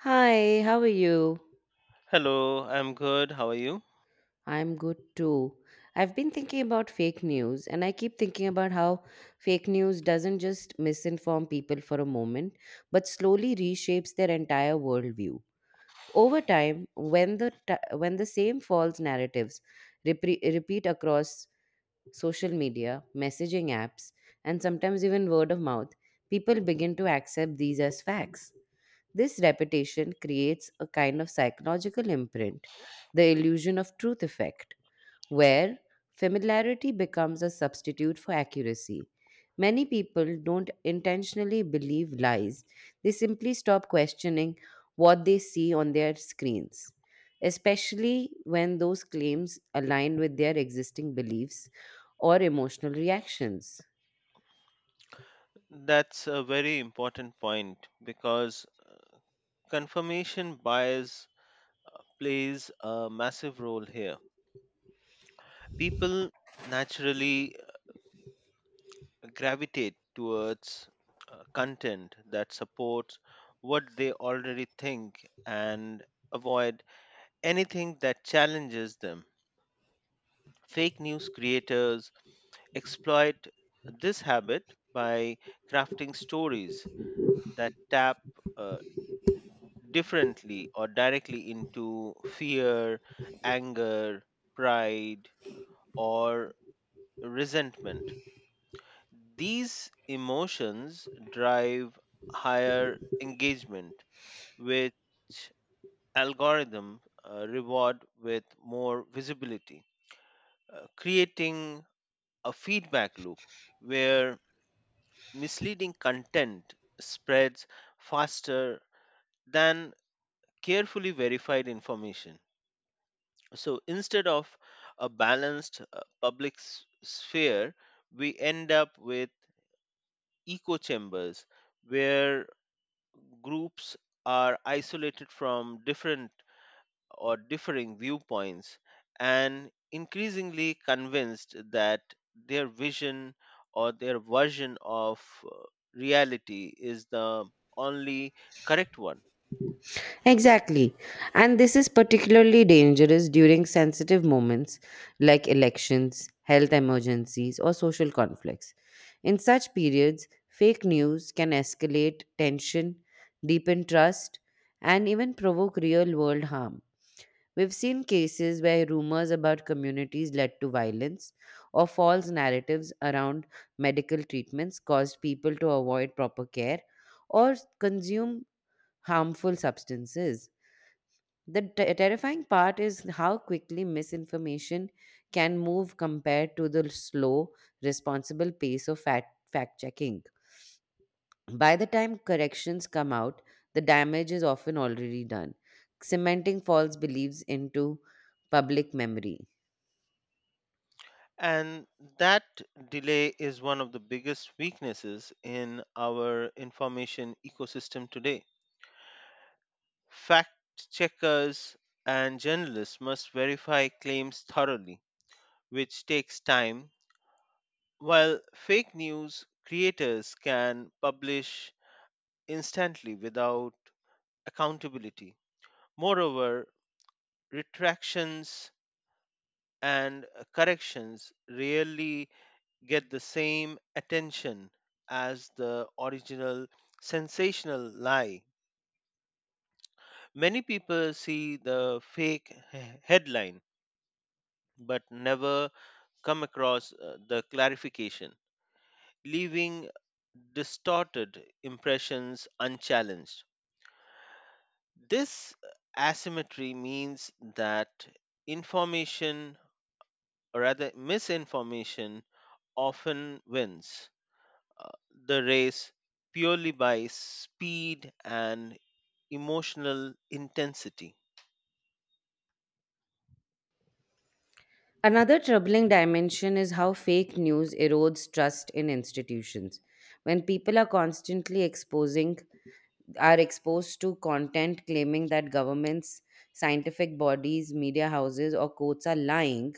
Hi, how are you? Hello, I'm good. How are you? I'm good too. I've been thinking about fake news and I keep thinking about how fake news doesn't just misinform people for a moment, but slowly reshapes their entire worldview. Over time, when the same false narratives repeat across social media, messaging apps, and sometimes even word of mouth, people begin to accept these as facts. This reputation creates a kind of psychological imprint, the illusion of truth effect, where familiarity becomes a substitute for accuracy. Many people don't intentionally believe lies, they simply stop questioning what they see on their screens, especially when those claims align with their existing beliefs or emotional reactions. That's a very important point because confirmation bias plays a massive role here. People naturally gravitate towards content that supports what they already think and avoid anything that challenges them. Fake news creators exploit this habit by crafting stories that tap uh, differently or directly into fear, anger, pride, or resentment. These emotions drive higher engagement, which algorithm reward with more visibility, creating a feedback loop where misleading content spreads faster than carefully verified information. So instead of a balanced public sphere, we end up with echo chambers where groups are isolated from different or differing viewpoints and increasingly convinced that their vision or their version of reality is the only correct one. Exactly. And this is particularly dangerous during sensitive moments like elections, health emergencies, or social conflicts. In such periods, fake news can escalate tension, deepen trust, and even provoke real world harm. We've seen cases where rumors about communities led to violence or false narratives around medical treatments caused people to avoid proper care or consume harmful substances. The terrifying part is how quickly misinformation can move compared to the slow, responsible pace of fact checking. By the time corrections come out, the damage is often already done, cementing false beliefs into public memory. And that delay is one of the biggest weaknesses in our information ecosystem today. Fact checkers and journalists must verify claims thoroughly, which takes time, while fake news creators can publish instantly without accountability. Moreover, retractions and corrections rarely get the same attention as the original sensational lie. Many people see the fake headline but never come across the clarification, leaving distorted impressions unchallenged. This asymmetry means that information, or rather misinformation, often wins uh, the race purely by speed and emotional intensity. Another troubling dimension is how fake news erodes trust in institutions. When people are constantly exposing are exposed to content claiming that governments, scientific bodies, media houses, or courts are lying,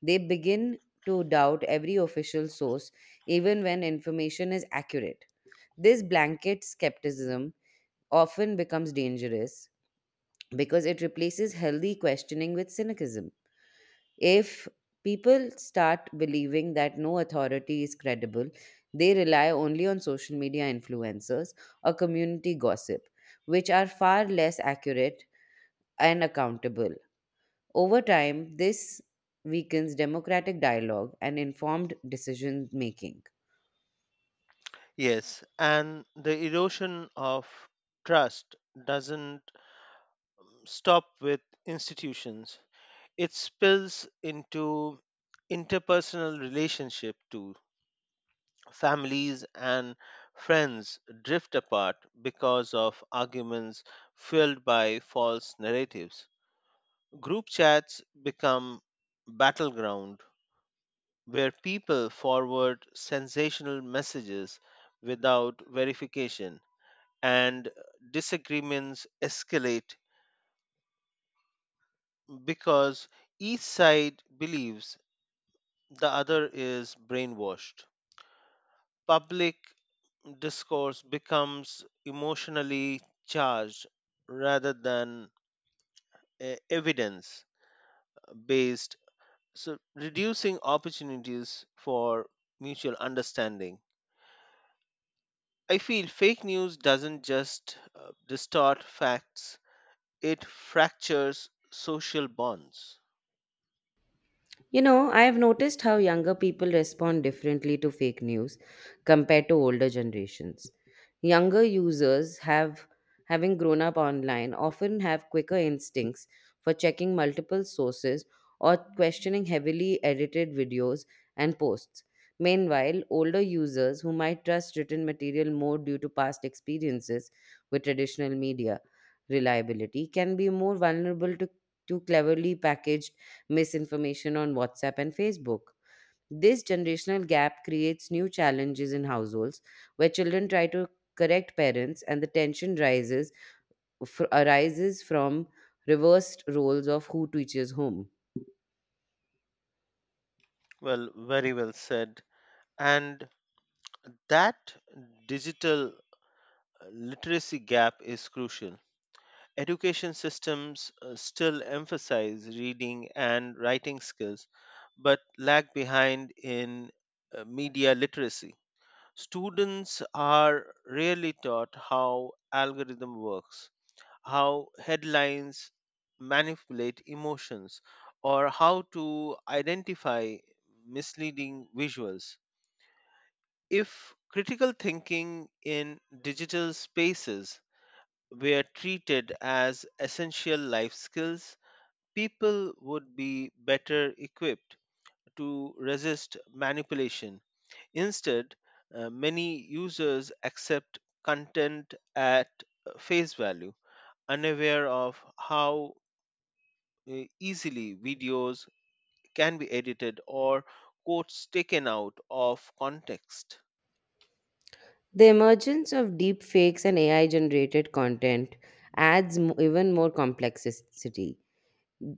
they begin to doubt every official source, even when information is accurate. This blanket skepticism often becomes dangerous because it replaces healthy questioning with cynicism. If people start believing that no authority is credible, they rely only on social media influencers or community gossip, which are far less accurate and accountable. Over time, this weakens democratic dialogue and informed decision making. Yes, and the erosion of trust doesn't stop with institutions, it spills into interpersonal relationship too. Families and friends drift apart because of arguments fueled by false narratives. Group chats become battleground where people forward sensational messages without verification and disagreements escalate because each side believes the other is brainwashed. Public discourse becomes emotionally charged rather than evidence based, so reducing opportunities for mutual understanding. I feel fake news doesn't just distort facts, it fractures social bonds. You know, I have noticed how younger people respond differently to fake news compared to older generations. Younger users have Having grown up online, often have quicker instincts for checking multiple sources or questioning heavily edited videos and posts. Meanwhile, older users who might trust written material more due to past experiences with traditional media reliability can be more vulnerable to cleverly packaged misinformation on WhatsApp and Facebook. This generational gap creates new challenges in households where children try to correct parents and the tension arises from reversed roles of who teaches whom. Well, very well said. And that digital literacy gap is crucial. Education systems still emphasize reading and writing skills, but lag behind in media literacy. Students are rarely taught how algorithm works, how headlines manipulate emotions or how to identify misleading visuals. If critical thinking in digital spaces were treated as essential life skills, people would be better equipped to resist manipulation. Instead, many users accept content at face value, unaware of how easily videos can be edited or quotes taken out of context. The emergence of deep fakes and AI generated content adds even more complexity.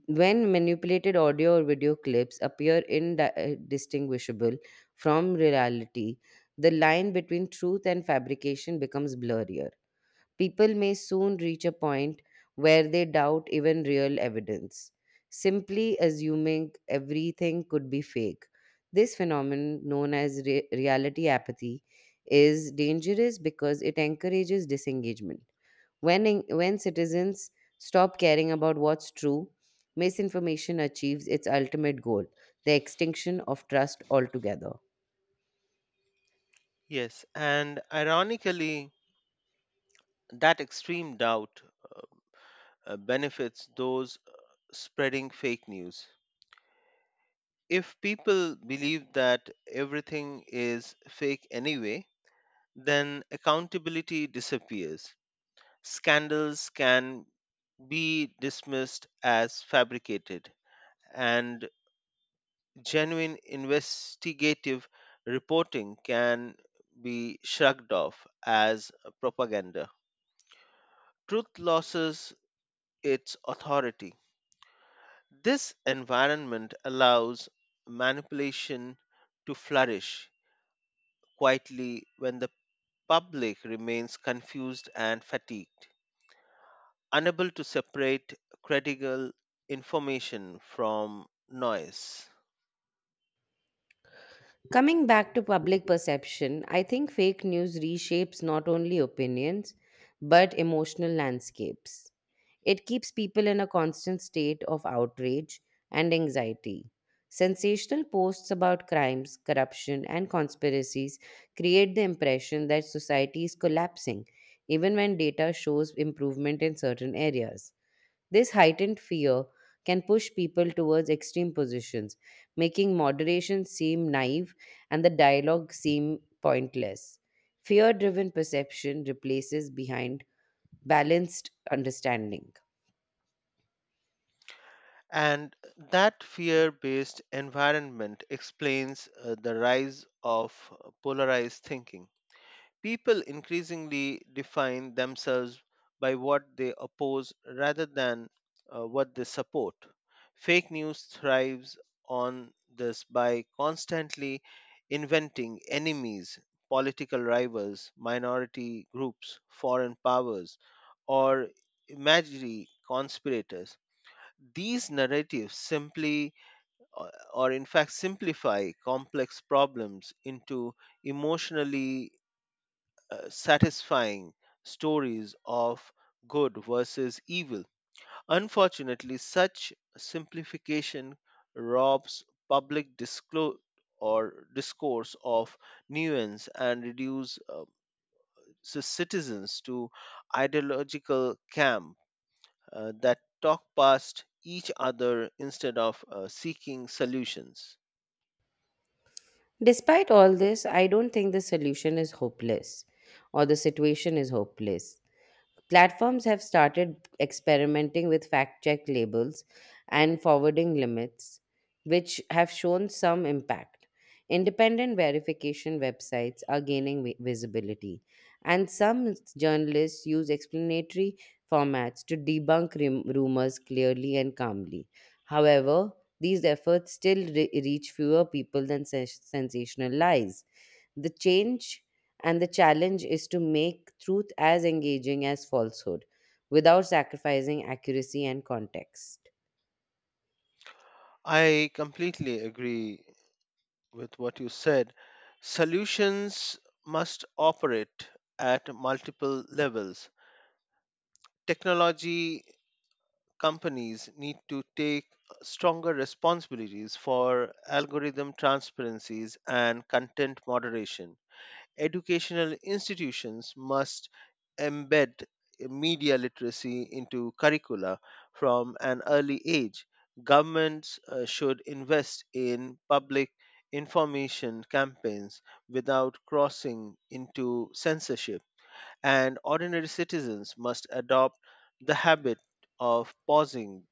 When manipulated audio or video clips appear indistinguishable from reality, the line between truth and fabrication becomes blurrier. People may soon reach a point where they doubt even real evidence, simply assuming everything could be fake. This phenomenon, known as reality apathy, is dangerous because it encourages disengagement. When citizens stop caring about what's true, misinformation achieves its ultimate goal, the extinction of trust altogether. Yes, and ironically, that extreme doubt benefits those spreading fake news. If people believe that everything is fake anyway, then accountability disappears. Scandals can be dismissed as fabricated, and genuine investigative reporting can be shrugged off as propaganda. Truth loses its authority. This environment allows manipulation to flourish quietly when the public remains confused and fatigued, unable to separate credible information from noise. Coming back to public perception, I think fake news reshapes not only opinions but emotional landscapes. It keeps people in a constant state of outrage and anxiety. Sensational posts about crimes, corruption, and conspiracies create the impression that society is collapsing, even when data shows improvement in certain areas. This heightened fear can push people towards extreme positions, making moderation seem naive and the dialogue seem pointless. Fear driven perception replaces behind balanced understanding. And that fear based environment explains the rise of polarized thinking. People increasingly define themselves by what they oppose rather than what they support. Fake news thrives on this by constantly inventing enemies, political rivals, minority groups, foreign powers, or imaginary conspirators. These narratives simply, or in fact, simplify complex problems into emotionally satisfying stories of good versus evil. Unfortunately, such simplification robs public disclosure or discourse of nuance and reduce citizens to ideological camp that talk past each other instead of seeking solutions. Despite all this, I don't think the solution is hopeless or the situation is hopeless. Platforms have started experimenting with fact check labels and forwarding limits, which have shown some impact. Independent verification websites are gaining visibility, and some journalists use explanatory formats to debunk rumors clearly and calmly. However, these efforts still reach fewer people than sensational lies. The change and the challenge is to make truth as engaging as falsehood without sacrificing accuracy and context. I completely agree with what you said. Solutions must operate at multiple levels. Technology companies need to take stronger responsibilities for algorithm transparencies and content moderation. Educational institutions must embed media literacy into curricula from an early age. Governments should invest in public information campaigns without crossing into censorship, and ordinary citizens must adopt the habit of pausing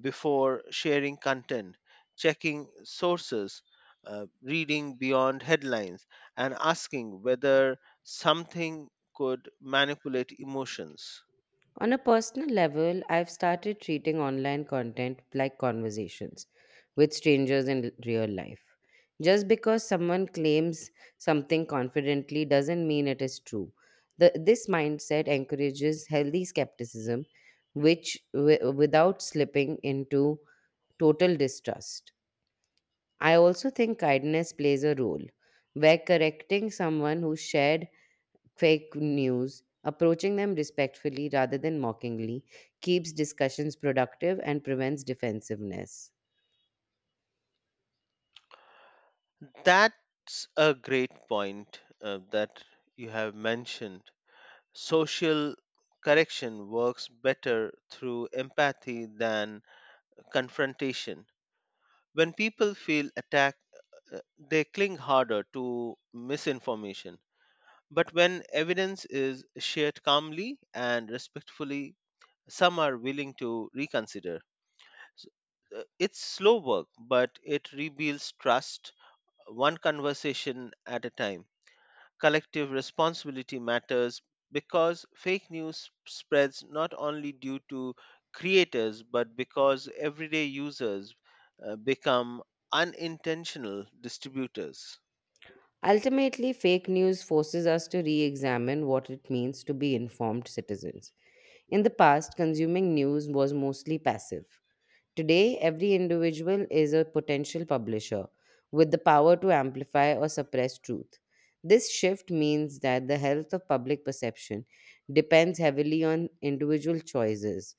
before sharing content, checking sources, reading beyond headlines, and asking whether something could manipulate emotions. On a personal level, I've started treating online content like conversations with strangers in real life. Just because someone claims something confidently doesn't mean it is true. This mindset encourages healthy skepticism, without slipping into total distrust. I also think kindness plays a role, where correcting someone who shared fake news, approaching them respectfully rather than mockingly, keeps discussions productive and prevents defensiveness. That's a great point that you have mentioned. Social correction works better through empathy than confrontation. When people feel attacked, uh, they cling harder to misinformation. But when evidence is shared calmly and respectfully, some are willing to reconsider. S- It's slow work, but it rebuilds trust one conversation at a time. Collective responsibility matters because fake news spreads not only due to creators but because everyday users become unintentional distributors. Ultimately, fake news forces us to re examine what it means to be informed citizens. In the past, consuming news was mostly passive. Today, every individual is a potential publisher with the power to amplify or suppress truth. This shift means that the health of public perception depends heavily on individual choices.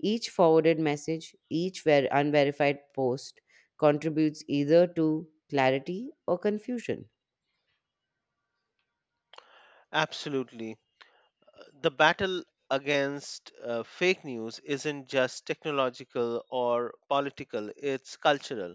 Each forwarded message, each unverified post contributes either to clarity or confusion. Absolutely, the battle against fake news isn't just technological or political, it's cultural.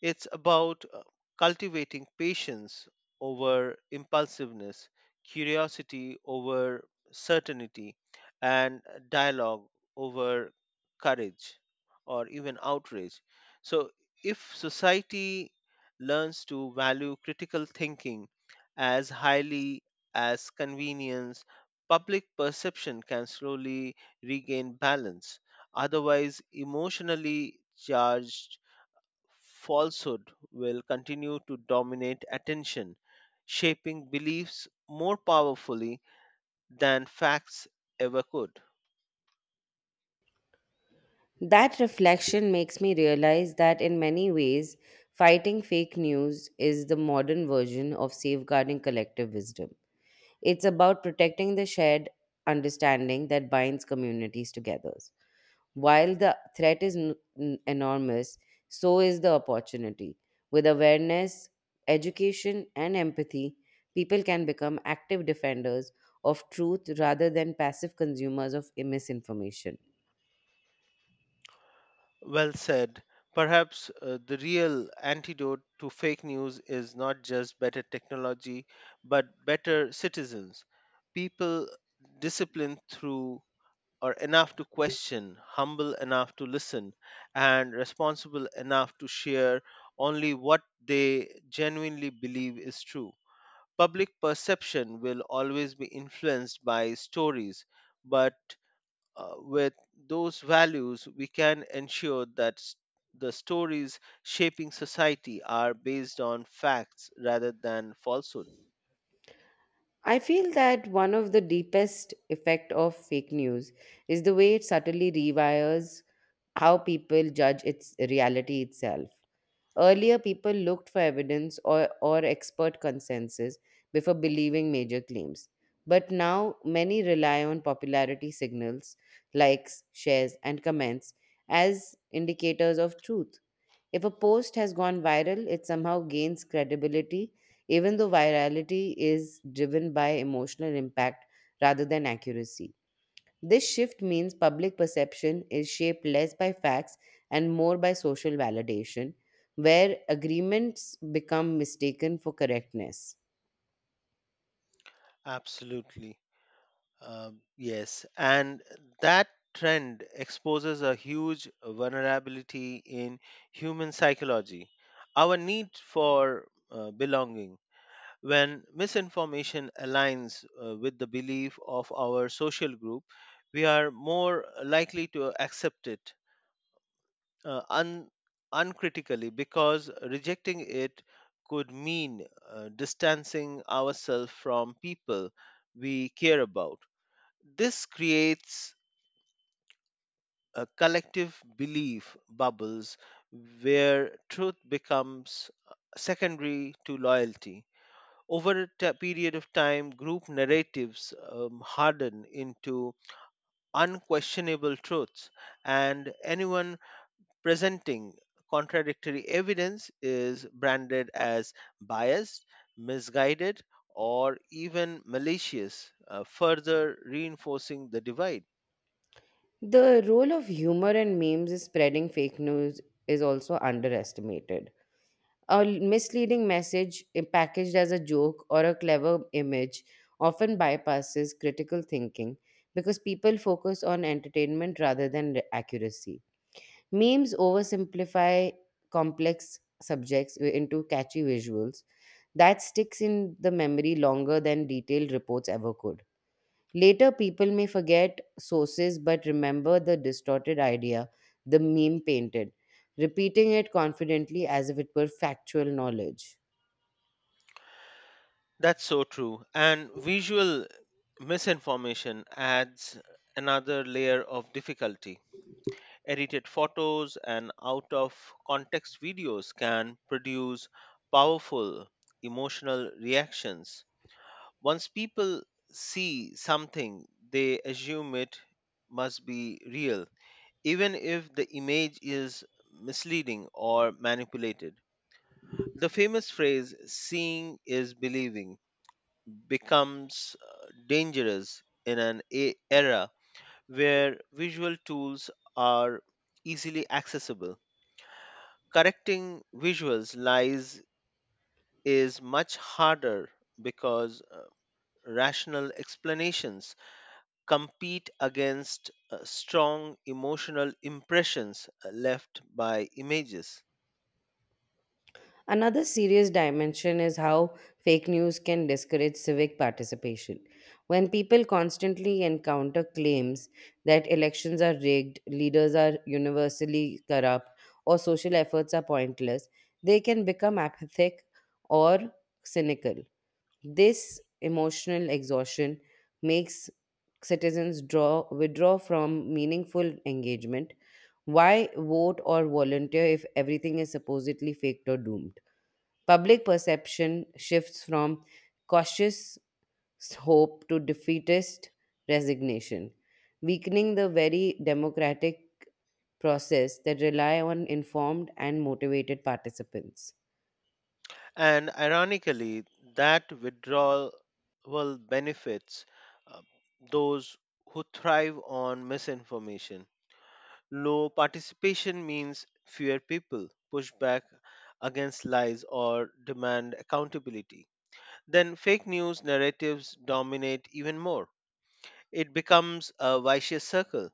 It's about cultivating patience over impulsiveness, curiosity over certainty, and dialogue over courage or even outrage. So, if society learns to value critical thinking as highly as convenience, public perception can slowly regain balance. Otherwise, emotionally charged falsehood will continue to dominate attention, shaping beliefs more powerfully than facts ever could. That reflection makes me realize that in many ways, fighting fake news is the modern version of safeguarding collective wisdom. It's about protecting the shared understanding that binds communities together. While the threat is enormous, so is the opportunity. With awareness, education, and empathy, people can become active defenders of truth rather than passive consumers of misinformation. Well said. Perhaps the real antidote to fake news is not just better technology, but better citizens. People disciplined through or enough to question, humble enough to listen, and responsible enough to share only what they genuinely believe is true. Public perception will always be influenced by stories, but with those values, we can ensure that the stories shaping society are based on facts rather than falsehood. I feel that one of the deepest effect of fake news is the way it subtly rewires how people judge its reality itself. Earlier, people looked for evidence or expert consensus before believing major claims. But now, many rely on popularity signals, likes, shares, and comments as indicators of truth. If a post has gone viral, it somehow gains credibility, even though virality is driven by emotional impact rather than accuracy. This shift means public perception is shaped less by facts and more by social validation, where agreements become mistaken for correctness. Absolutely. Yes. And that trend exposes a huge vulnerability in human psychology. Our need for belonging. When misinformation aligns with the belief of our social group, we are more likely to accept it uh, un- uncritically because rejecting it could mean distancing ourselves from people we care about. This creates a collective belief bubbles where truth becomes secondary to loyalty. Over a period of time, group narratives harden into unquestionable truths, and anyone presenting contradictory evidence is branded as biased, misguided, or even malicious, further reinforcing the divide. The role of humor and memes in spreading fake news is also underestimated. A misleading message packaged as a joke or a clever image often bypasses critical thinking because people focus on entertainment rather than accuracy. Memes oversimplify complex subjects into catchy visuals that sticks in the memory longer than detailed reports ever could. Later, people may forget sources but remember the distorted idea the meme painted, repeating it confidently as if it were factual knowledge. That's so true. And visual misinformation adds another layer of difficulty. Edited photos and out of context videos can produce powerful emotional reactions. Once people see something, they assume it must be real, even if the image is misleading or manipulated. The famous phrase, seeing is believing, becomes dangerous in an era where visual tools are easily accessible. Correcting visuals lies is much harder because rational explanations compete against strong emotional impressions left by images. Another serious dimension is how fake news can discourage civic participation. When people constantly encounter claims that elections are rigged, leaders are universally corrupt, or social efforts are pointless, they can become apathetic or cynical. This emotional exhaustion makes citizens draw withdraw from meaningful engagement. Why vote or volunteer if everything is supposedly faked or doomed? Public perception shifts from cautious hope to defeatist resignation, weakening the very democratic process that rely on informed and motivated participants. And ironically that withdrawal benefits uh, those who thrive on misinformation. Low participation means fewer people push back against lies or demand accountability. Then fake news narratives dominate even more. It becomes a vicious circle.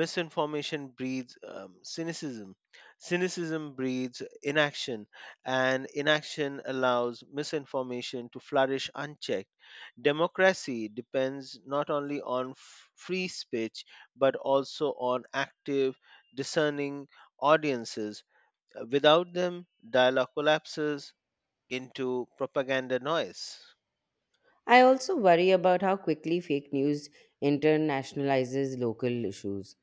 Misinformation breeds cynicism, cynicism breeds inaction, and inaction allows misinformation to flourish unchecked. Democracy depends not only on free speech but also on active, discerning audiences. Without them, dialogue collapses into propaganda noise. I also worry about how quickly fake news internationalizes local issues.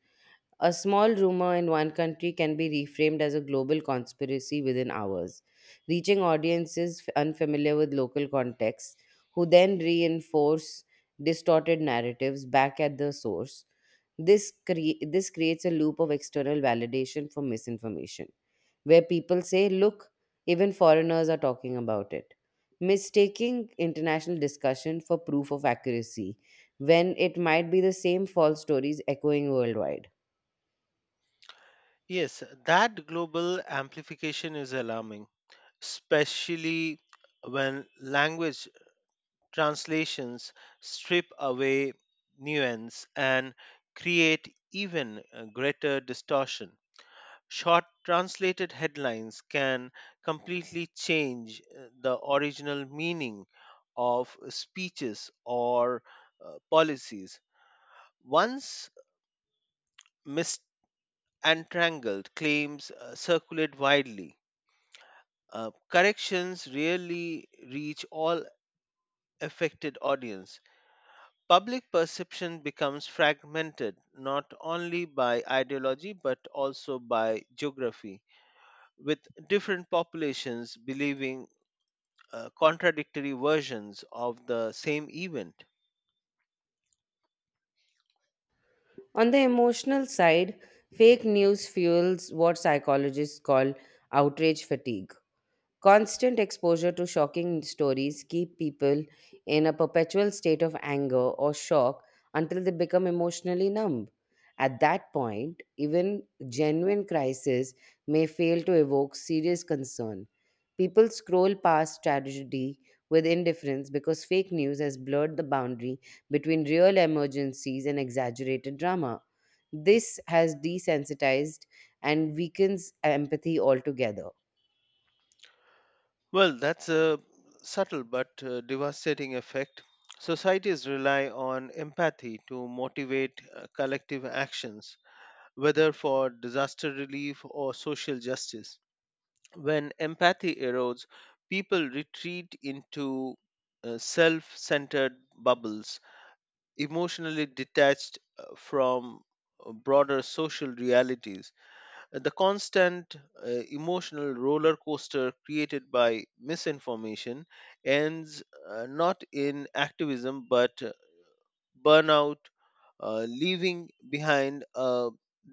A small rumor in one country can be reframed as a global conspiracy within hours, reaching audiences unfamiliar with local contexts, who then reinforce distorted narratives back at the source. This creates a loop of external validation for misinformation, where people say, "Look, even foreigners are talking about it," mistaking international discussion for proof of accuracy, when it might be the same false stories echoing worldwide. Yes, that global amplification is alarming, especially when language translations strip away nuance and create even greater distortion. Short translated headlines can completely change the original meaning of speeches or policies. Once misentangled claims circulate widely, corrections rarely reach all affected audience. Public perception becomes fragmented not only by ideology but also by geography, with different populations believing contradictory versions of the same event. On the emotional side, fake news fuels what psychologists call outrage fatigue. Constant exposure to shocking stories keep people in a perpetual state of anger or shock until they become emotionally numb. At that point, even genuine crisis may fail to evoke serious concern. People scroll past tragedy with indifference because fake news has blurred the boundary between real emergencies and exaggerated drama. This has desensitized and weakens empathy altogether. Well, that's a subtle but devastating effect. Societies rely on empathy to motivate collective actions, whether for disaster relief or social justice. When empathy erodes, people retreat into self centered bubbles, emotionally detached from broader social realities. The constant emotional roller coaster created by misinformation ends not in activism but burnout, leaving behind a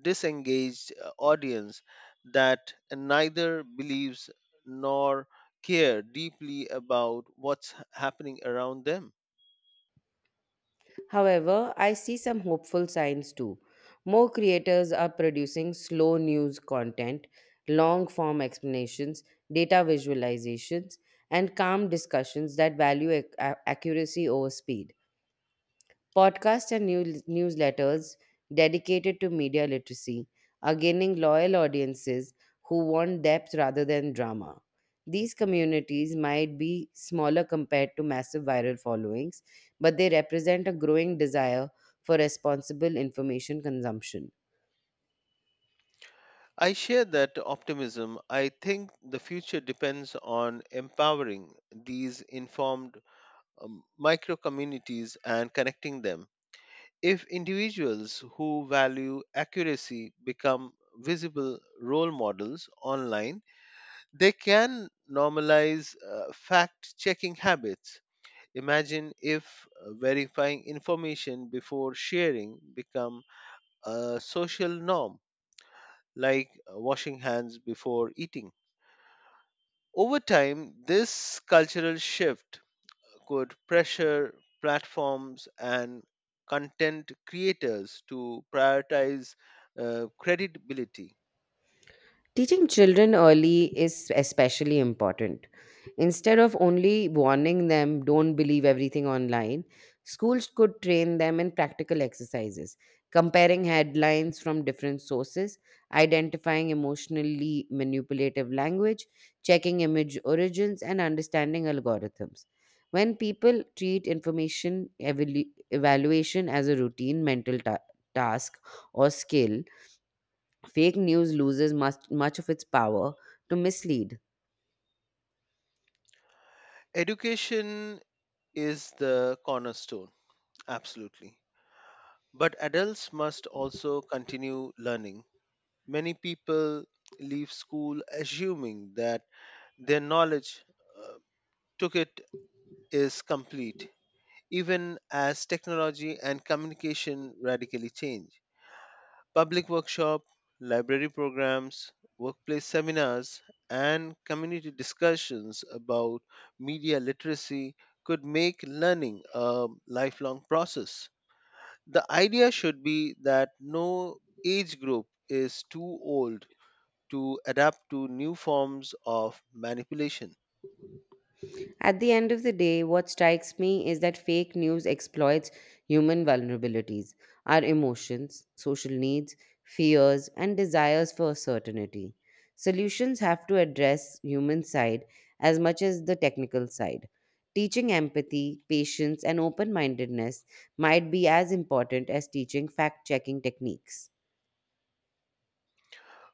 disengaged audience that neither believes nor care deeply about what's happening around them. However, I see some hopeful signs too. More creators are producing slow news content, long form explanations, data visualizations, and calm discussions that value accuracy over speed, podcasts and newsletters dedicated to media literacy are gaining loyal audiences who want depth rather than drama. These communities might be smaller compared to massive viral followings, but they represent a growing desire for responsible information consumption. I share that optimism. I think the future depends on empowering these informed micro communities and connecting them. If individuals who value accuracy become visible role models online, they can normalize fact checking habits. Imagine if verifying information before sharing become a social norm like washing hands before eating. Over time, this cultural shift could pressure platforms and content creators to prioritize credibility. Teaching children early is especially important. Instead of only warning them, don't believe everything online, schools could train them in practical exercises, comparing headlines from different sources, identifying emotionally manipulative language, checking image origins, and understanding algorithms. When people treat information evaluation as a routine mental task or skill, fake news loses much of its power to mislead. Education is the cornerstone, absolutely. But adults must also continue learning. Many people leave school assuming that their knowledge uh, took it is complete, even as technology and communication radically change. Public workshop, library programs, workplace seminars, and community discussions about media literacy could make learning a lifelong process. The idea should be that no age group is too old to adapt to new forms of manipulation. At the end of the day, what strikes me is that fake news exploits human vulnerabilities, our emotions, social needs, fears, and desires for certainty. Solutions have to address human side as much as the technical side. Teaching empathy, patience, and open mindedness might be as important as teaching fact checking techniques.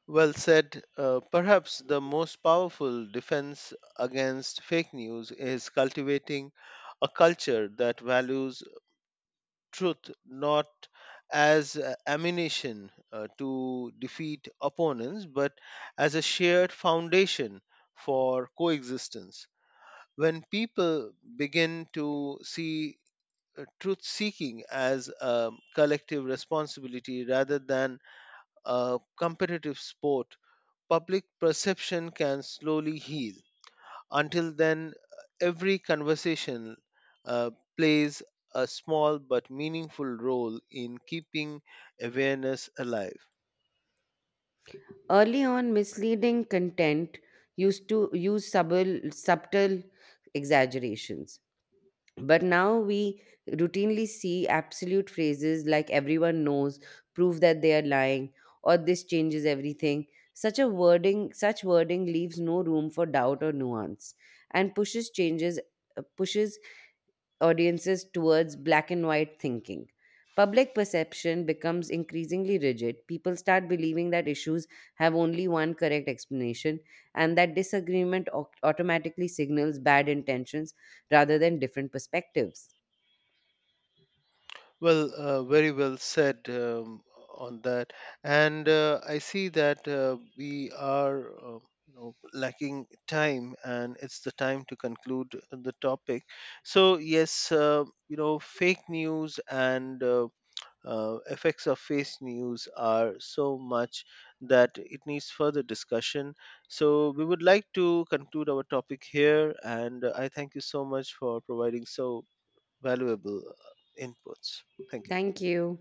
Well said. Perhaps the most powerful defense against fake news is cultivating a culture that values truth not as ammunition to defeat opponents, but as a shared foundation for coexistence. When people begin to see truth seeking as a collective responsibility rather than a competitive sport, public perception can slowly heal. Until then, every conversation uh, plays a small but meaningful role in keeping awareness alive. Early on, misleading content used to use subtle exaggerations. But now we routinely see absolute phrases like everyone knows, prove that they are lying, or this changes everything. Such wording leaves no room for doubt or nuance and pushes changes pushes audiences towards black and white thinking. Public perception becomes increasingly rigid. People start believing that issues have only one correct explanation and that disagreement automatically signals bad intentions rather than different perspectives. Well, very well said on that. And I see that we are lacking time, and it's the time to conclude the topic. So, yes, fake news and effects of fake news are so much that it needs further discussion. So, we would like to conclude our topic here, and I thank you so much for providing so valuable inputs. Thank you. Thank you.